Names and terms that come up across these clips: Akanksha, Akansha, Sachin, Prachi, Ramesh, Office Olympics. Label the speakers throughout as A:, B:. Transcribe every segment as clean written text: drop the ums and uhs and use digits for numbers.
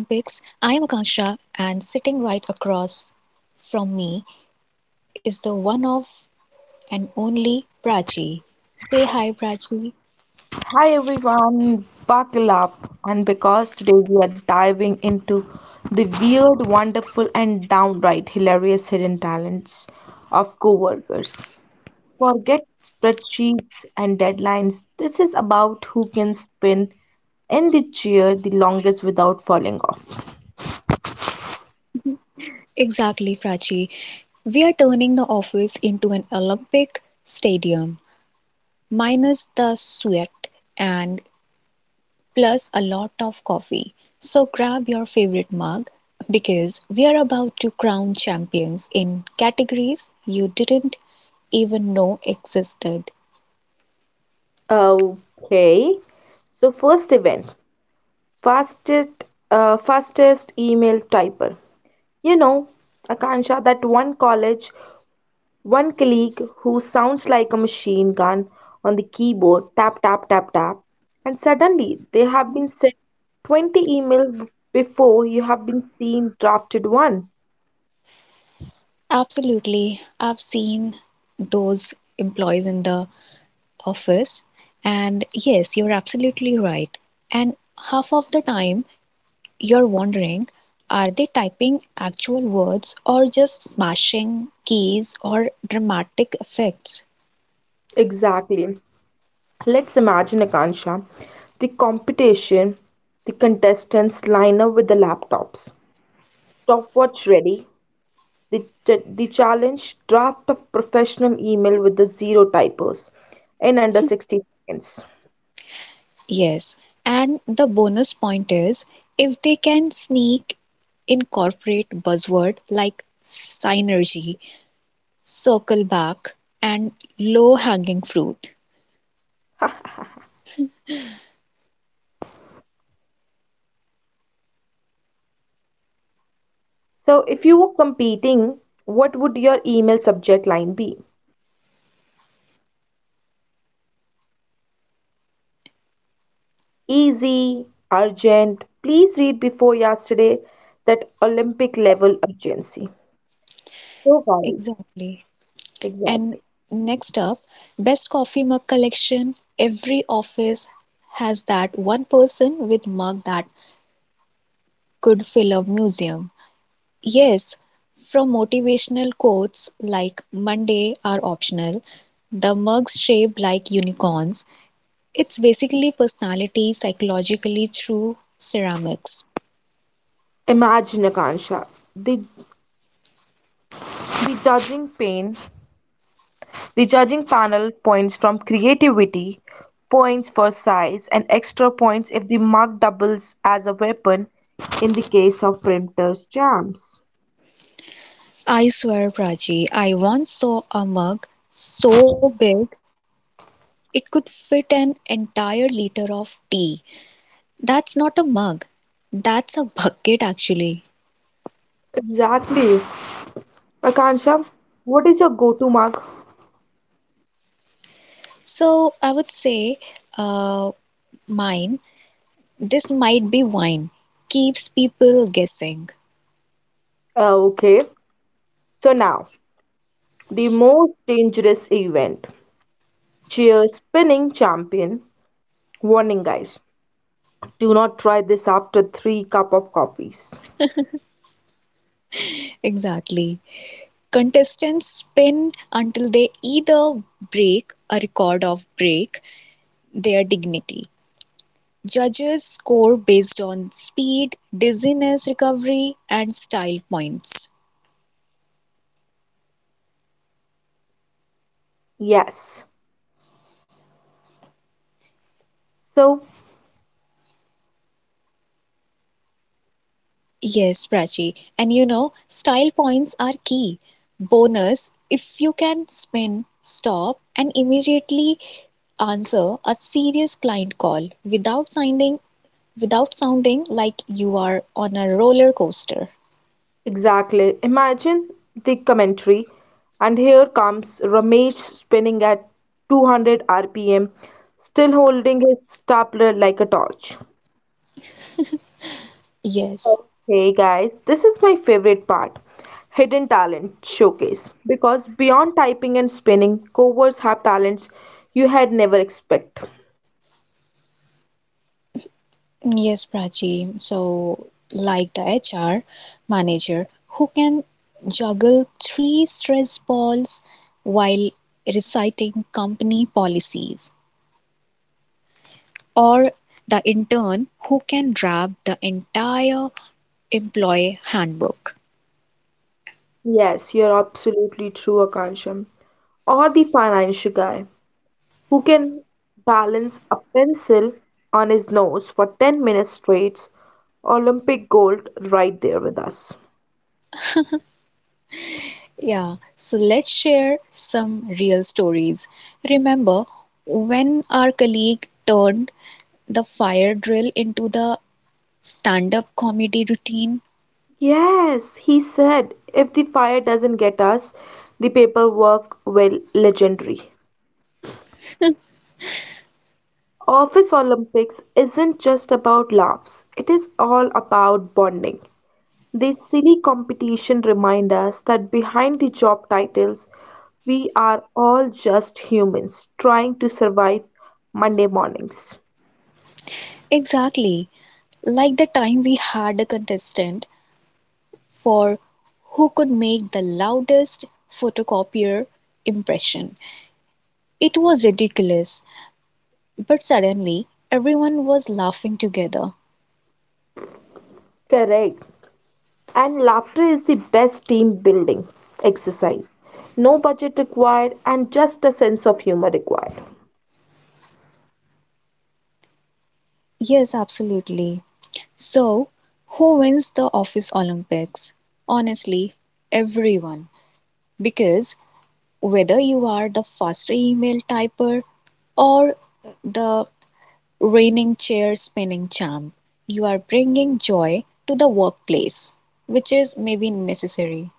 A: I am Akanksha, and sitting right across from me is the one of and only Prachi. Say hi, Prachi.
B: Hi everyone, buckle up, and because today we are diving into the weird, wonderful, and downright hilarious hidden talents of coworkers. Forget spreadsheets and deadlines. This is about who can spin in the chair the longest without falling off.
A: Exactly, Prachi. We are turning the office into an Olympic stadium, minus the sweat and plus a lot of coffee. So grab your favorite mug because we are about to crown champions in categories you didn't even know existed.
B: Okay. So first event, fastest fastest email typer. You know, Akansha, that one college one colleague who sounds like a machine gun on the keyboard, tap tap tap tap, and suddenly they have been sent 20 emails before you have been seen drafted one.
A: Absolutely, I've seen those employees in the office, and yes, you're absolutely right. And half of the time, you're wondering are they typing actual words or just smashing keys or dramatic effects?
B: Exactly. Let's imagine Akansha, the competition, the contestants line up with the laptops. Stopwatch ready. The, the challenge, draft of professional email with the zero typos in under 60 seconds.
A: Yes, and the bonus point is if they can sneak incorporate buzzword like synergy, circle back, and low hanging fruit.
B: So if you were competing, what would your email subject line be? Easy, urgent, please read before yesterday, that Olympic level urgency. So guys,
A: Exactly. And
B: exactly.
A: next up, best coffee mug collection. Every office has that one person with mug that could fill a museum. Yes, from motivational quotes like Monday are optional, the mugs shaped like unicorns, it's basically personality psychologically through ceramics.
B: Imagine Akansha, the, the judging pane, the judging panel, points from creativity, points for size, and extra points if the mark doubles as a weapon in the case of printer's jams.
A: I swear, Prachi, I once saw a mug so big it could fit an entire liter of tea. That's not a mug, that's a bucket actually.
B: Exactly. Akansha, what is your go-to mug?
A: So I would say, uh, mine, this might be wine. Keeps people guessing.
B: Okay, so now the most dangerous event, chair spinning champion. Warning, guys, do not try this after 3 cup of coffees.
A: Exactly. Contestants spin until they either break a record of break their dignity. Judges score based on speed, dizziness recovery, and style points.
B: Yes, so
A: Yes, Prachi. And you know, style points are key. Bonus if you can spin, stop, and immediately answer a serious client call without sounding like you are on a roller coaster.
B: exactly. Imagine the commentary, and here comes Ramesh spinning at 200 rpm, still holding his stapler like a torch.
A: Yes.
B: Hey guys, this is my favorite part, Hidden Talent Showcase. Because beyond typing and spinning, covers have talents you had never expect.
A: Yes, Prachi. So, like the HR manager who can juggle three stress balls while reciting company policies, or the intern who can draft the entire employee handbook.
B: Yes, you're absolutely true, Akansham. Or the financial guy who can balance a pencil on his nose for 10 minutes straight. Olympic gold right there with us.
A: Yeah, so let's share some real stories. Remember when our colleague turned the fire drill into the stand up comedy routine?
B: Yes, he said, if the fire doesn't get us, the paperwork will, legendary. Office Olympics isn't just about laughs, it is all about bonding. This silly competition reminds us that behind the job titles, we are all just humans trying to survive Monday mornings.
A: Exactly. Like the time we had a contestant for who could make the loudest photocopier impression. It was ridiculous, but suddenly everyone was laughing together.
B: Correct. And laughter is the best team building exercise. No budget required, and just a sense of humor required.
A: Yes, absolutely. So, who wins the Office Olympics? Honestly, everyone. Because whether you are the faster email typer or the reigning chair spinning champ. You are bringing joy to the workplace, which is maybe necessary.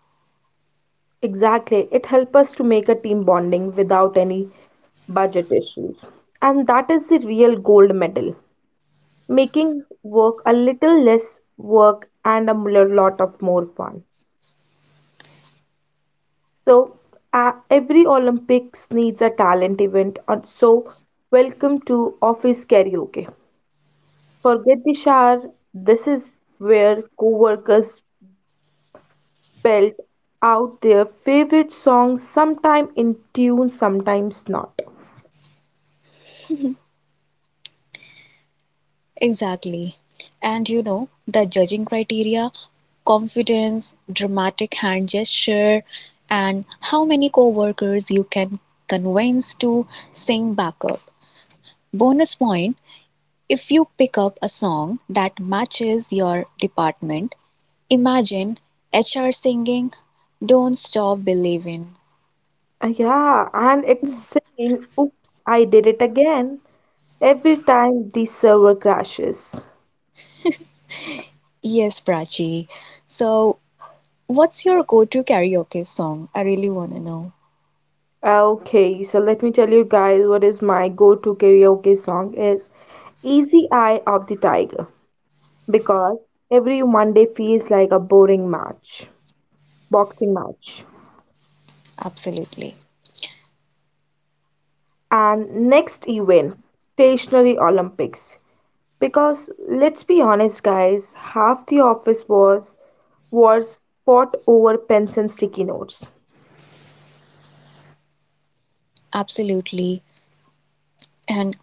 B: Exactly. It helps us to make a team bonding without any budget issues. And that is the real gold medal, making work a little less work and a mo- lot of more fun. So, every Olympics needs a talent event. And So, welcome to office karaoke. Forget the shower. This is where coworkers belt out their favorite songs, sometime in tune, sometimes not.
A: Exactly. And you know, the judging criteria confidence, dramatic hand gesture, and how many coworkers you can convince to sing backup. Bonus point if you pick up a song that matches your department, imagine HR singing Don't Stop Believing.
B: Yeah, and it's saying, oops, I did it again every time the server crashes.
A: Yes, Prachi. So, what's your go-to karaoke song? I really want to know.
B: Okay, so let me tell you guys what is my go-to karaoke song is, easy, Eye of the Tiger, because every Monday feels like boxing match.
A: Absolutely.
B: And next event, Stationary Olympics. Because let's be honest, guys, half the office was fought over pens and sticky notes.
A: Absolutely. And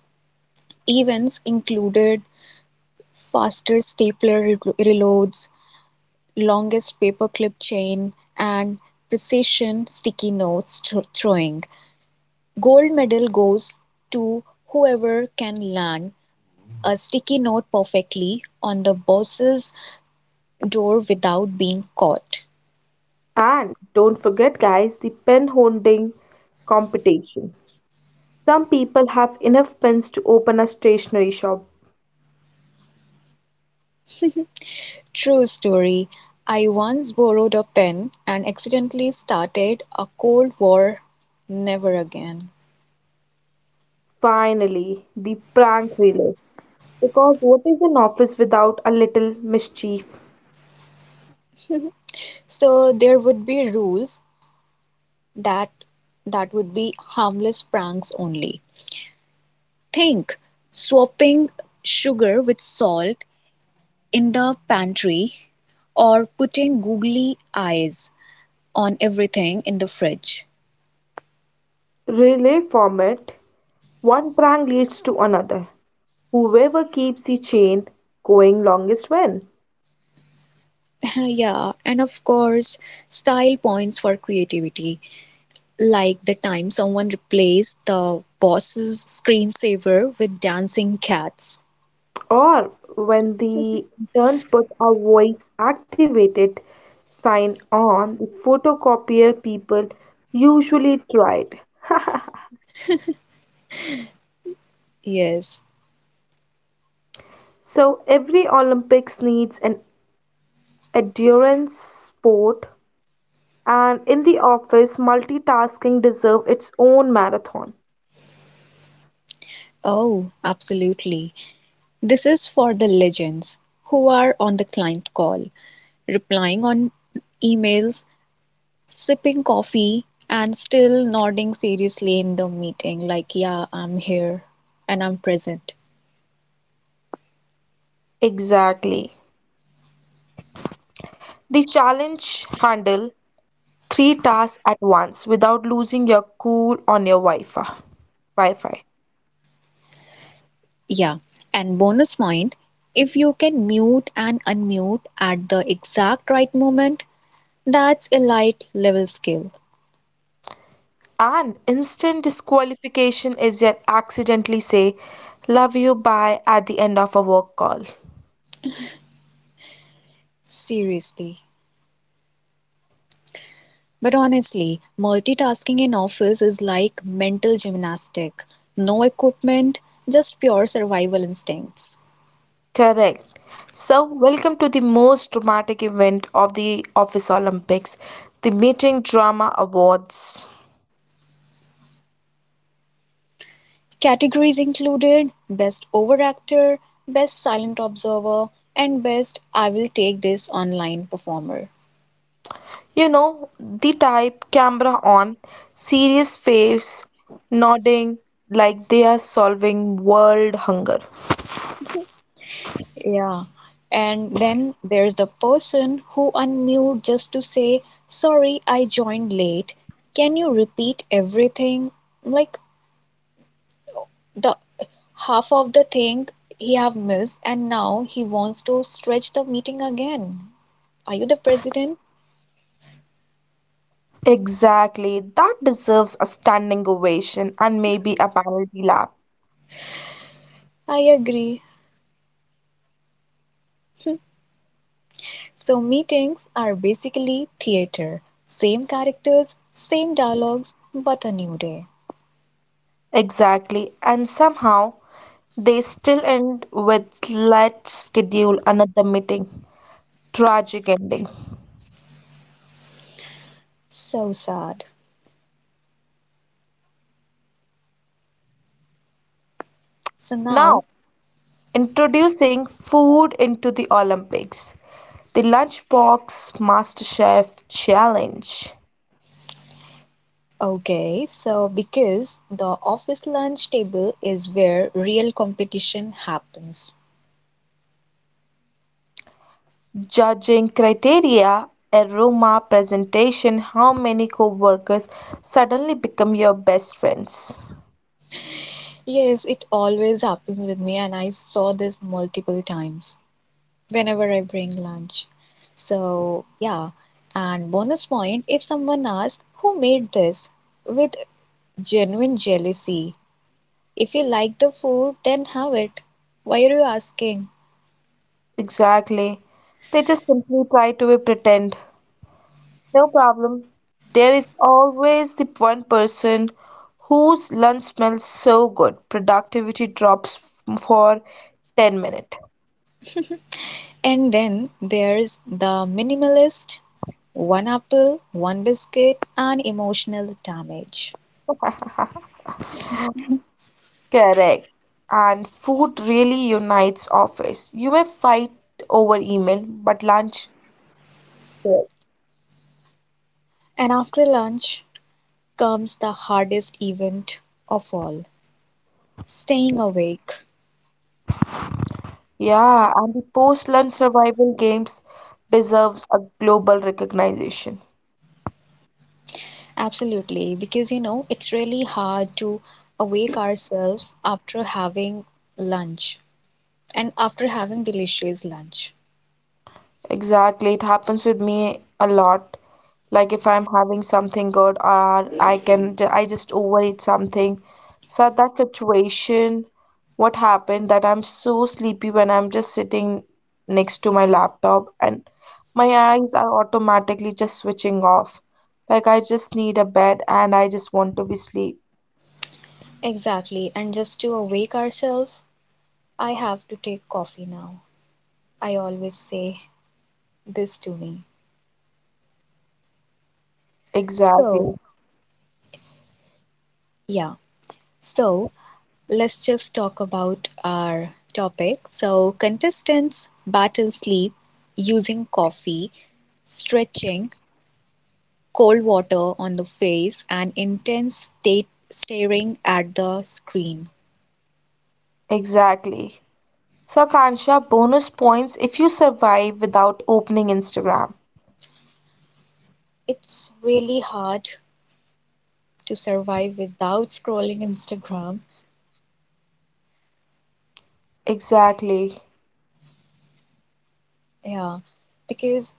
A: events included faster stapler reloads, longest paperclip chain, and precision sticky notes throwing. Gold medal goes to whoever can land a sticky note perfectly on the boss's door without being caught.
B: And don't forget, guys, the pen holding competition. Some people have enough pens to open a stationery shop.
A: True story. I once borrowed a pen and accidentally started a Cold War never again.
B: Finally, the prank relay. Because what is an office without a little mischief?
A: So there would be rules that that would be harmless pranks only. Think swapping sugar with salt in the pantry or putting googly eyes on everything in the fridge.
B: Relay format, one prank leads to another. Whoever keeps the chain going longest wins.
A: Yeah, and of course, style points for creativity. Like the time someone replaced the boss's screensaver with dancing cats.
B: Or when the intern puts a voice activated sign on the photocopier, people usually tried.
A: Yes.
B: So every Olympics needs an endurance sport, and in the office multitasking deserve its own marathon.
A: Oh, absolutely. This is for the legends who are on the client call, replying on emails, sipping coffee, and still nodding seriously in the meeting, like, yeah, I'm here and I'm present.
B: Exactly. The challenge, handle three tasks at once without losing your cool on your Wi-Fi.
A: Yeah. And bonus point if you can mute and unmute at the exact right moment, that's a light level skill,
B: An instant disqualification is yet accidentally say, love you, bye at the end of a work call.
A: seriously. But honestly, multitasking in office is like mental gymnastic. No equipment, just pure survival instincts.
B: Correct. So, welcome to the most dramatic event of the Office Olympics, the Meeting Drama Awards.
A: Categories included best overactor, best silent observer, and best I will take this online performer.
B: You know, the type, camera on, serious face, nodding like they are solving world hunger.
A: Yeah. And then there's the person who unmute just to say, sorry, I joined late. Can you repeat everything? Like the half of the thing he have missed and now he wants to stretch the meeting again. Are you the president?
B: Exactly, that deserves a standing ovation and maybe a penalty lap.
A: I agree. So meetings are basically theater. Same characters, same dialogues, but a new day.
B: Exactly. And somehow they still end with, let's schedule another meeting. Tragic ending.
A: So sad. So now,
B: Now, introducing food into the Olympics. The Lunchbox MasterChef Challenge.
A: okay, so because the office lunch table is where real competition happens.
B: Judging criteria, aroma, presentation, how many co-workers suddenly become your best friends.
A: Yes, it always happens with me and I saw this multiple times. Whenever I bring lunch. So, yeah. And bonus point if someone asks, who made this? With genuine jealousy. If you like the food, then have it. Why are you asking?
B: Exactly. They just simply try to be pretend. No problem. There is always the one person whose lunch smells so good, productivity drops for 10 minutes.
A: And then there's the minimalist one apple, one biscuit, and emotional damage.
B: Correct. And food really unites office. You may fight over email, but lunch, yeah.
A: And after lunch comes the hardest event of all staying awake.
B: Yeah, and the post-lunch survival games deserves a global recognition.
A: Absolutely, because you know, it's really hard to awake ourselves after having lunch and after having delicious lunch.
B: Exactly. It happens with me a lot. Like if I'm having something good, or I can I just overeat something. So at that situation, what happened that I'm so sleepy when I'm just sitting next to my laptop and my eyes are automatically just switching off. Like I just need a bed and I just want to be sleep.
A: Exactly, and just to awake ourselves, I have to take coffee now. I always say this to me.
B: Exactly.
A: So, yeah, so let's just talk about our topic. So, contestants battle sleep using coffee, stretching, cold water on the face and intense staring at the screen.
B: Exactly. So Akansha, bonus points if you survive without opening Instagram.
A: It's really hard to survive without scrolling Instagram.
B: Exactly.
A: Yeah, because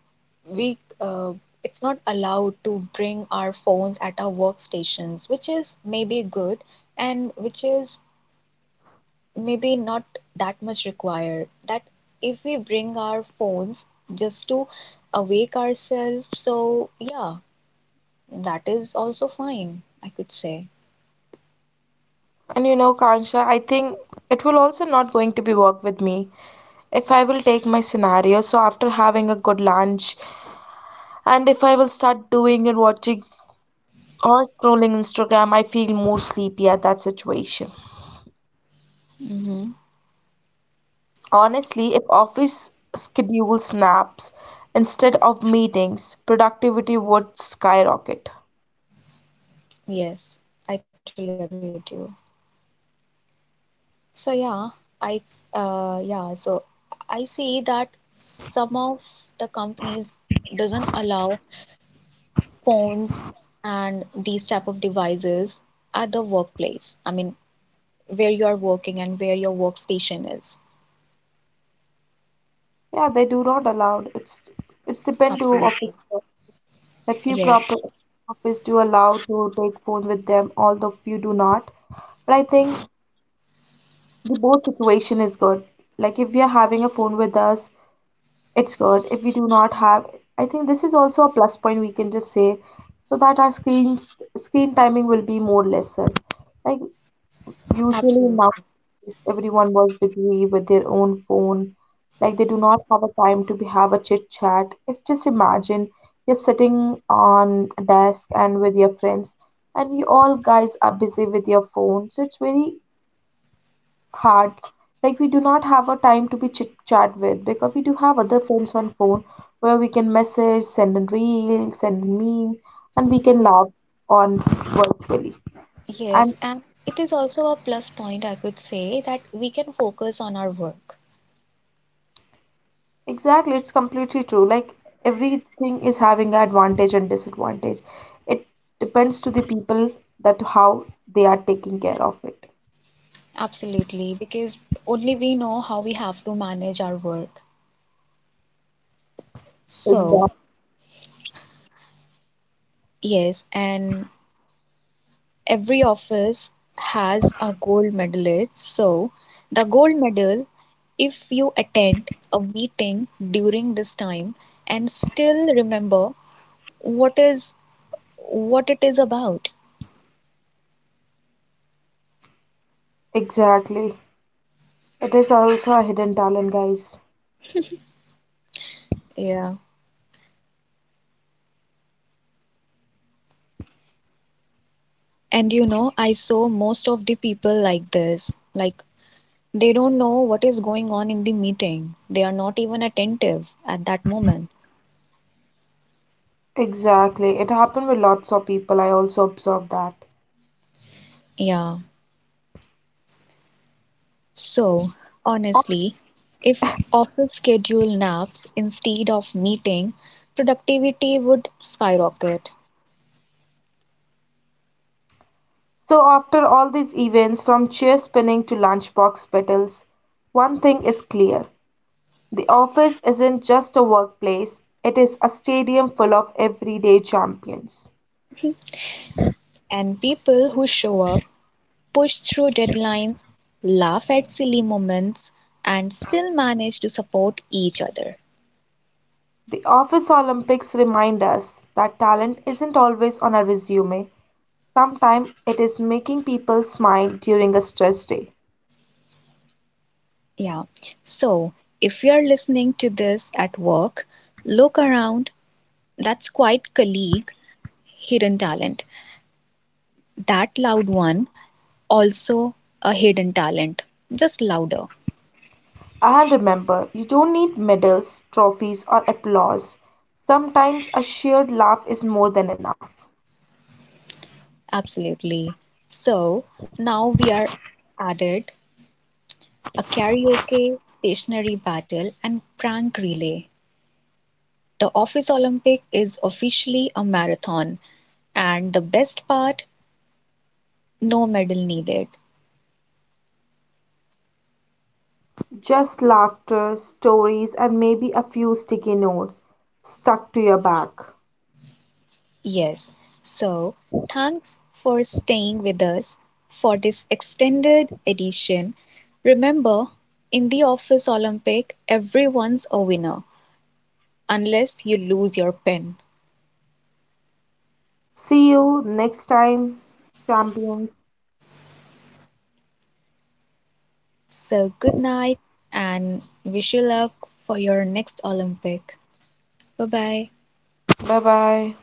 A: we it's not allowed to bring our phones at our workstations, which is maybe good and which is maybe not that much required. That if we bring our phones just to awake ourselves, so yeah that is also fine, I could say.
B: And you know, Kansha, I think it will also not going to be work with me if I will take my scenario. So after having a good lunch, and if I will start doing and watching or scrolling Instagram, I feel more sleepy at that situation.
A: Mm-hmm.
B: Honestly, if office schedule snaps instead of meetings, productivity would skyrocket.
A: Yes, I totally agree with you. So yeah, I yeah, so I see that some of the companies doesn't allow phones and these type of devices at the workplace. I mean, where you are working and where your workstation is.
B: Yeah, they do not allow. It's depend to
A: Absolutely.
B: office. That few
A: Yes,
B: proper office do allow to take phone with them, although few do not. But I think the both situation is good. Like if we are having a phone with us, it's good. If we do not have, I think this is also a plus point we can just say, so that our screen timing will be more lesser. Like, usually
A: absolutely.
B: nowadays everyone was busy with their own phone, like they do not have a time to be have a chit chat. If just imagine you're sitting on a desk and with your friends, and you all guys are busy with your phone, so it's very hard. Like we do not have a time to be chit chat with, because we do have other friends on phone where we can message, send a reel, send a meme, and we can laugh on, virtually.
A: Yes,
B: And
A: and it is also a plus point I could say that we can focus on our work.
B: Exactly, it's completely true. Like everything is having advantage and disadvantage. It depends to the people that how they are taking care of it.
A: Absolutely, because only we know how we have to manage our work.
B: Exactly.
A: So, yes, and every office has a gold medalist. So, the gold medal, if you attend a meeting during this time and still remember what is what it is about.
B: Exactly. It is also a hidden talent, guys.
A: Yeah. And you know, I saw most of the people like this. Like they don't know what is going on in the meeting. They are not even attentive at that moment.
B: Exactly. It happened with lots of people. I also observed that.
A: Yeah. So, honestly, if office schedule naps instead of meeting, productivity would skyrocket.
B: So after all these events, from chair spinning to lunchbox battles, one thing is clear. The office isn't just a workplace, it is a stadium full of everyday champions.
A: And people who show up, push through deadlines, laugh at silly moments, and still manage to support each other.
B: The Office Olympics remind us that talent isn't always on a resume. Sometimes it is making people smile during a stress day.
A: Yeah. So, if you're listening to this at work, look around. That's quite colleague, hidden talent. That loud one, also a hidden talent, just louder.
B: And remember, you don't need medals, trophies, or applause. Sometimes a shared laugh is more than enough.
A: Absolutely. So now we are added a karaoke, stationary battle, and prank relay. The Office Olympic is officially a marathon, and the best part no medal needed.
B: Just laughter, stories, and maybe a few sticky notes stuck to your back.
A: Yes. So thanks for staying with us for this extended edition. Remember, in the Office Olympic, everyone's a winner unless you lose your pen.
B: See you next time, champions.
A: So good night and wish you luck for your next Olympic. Bye bye.
B: Bye bye.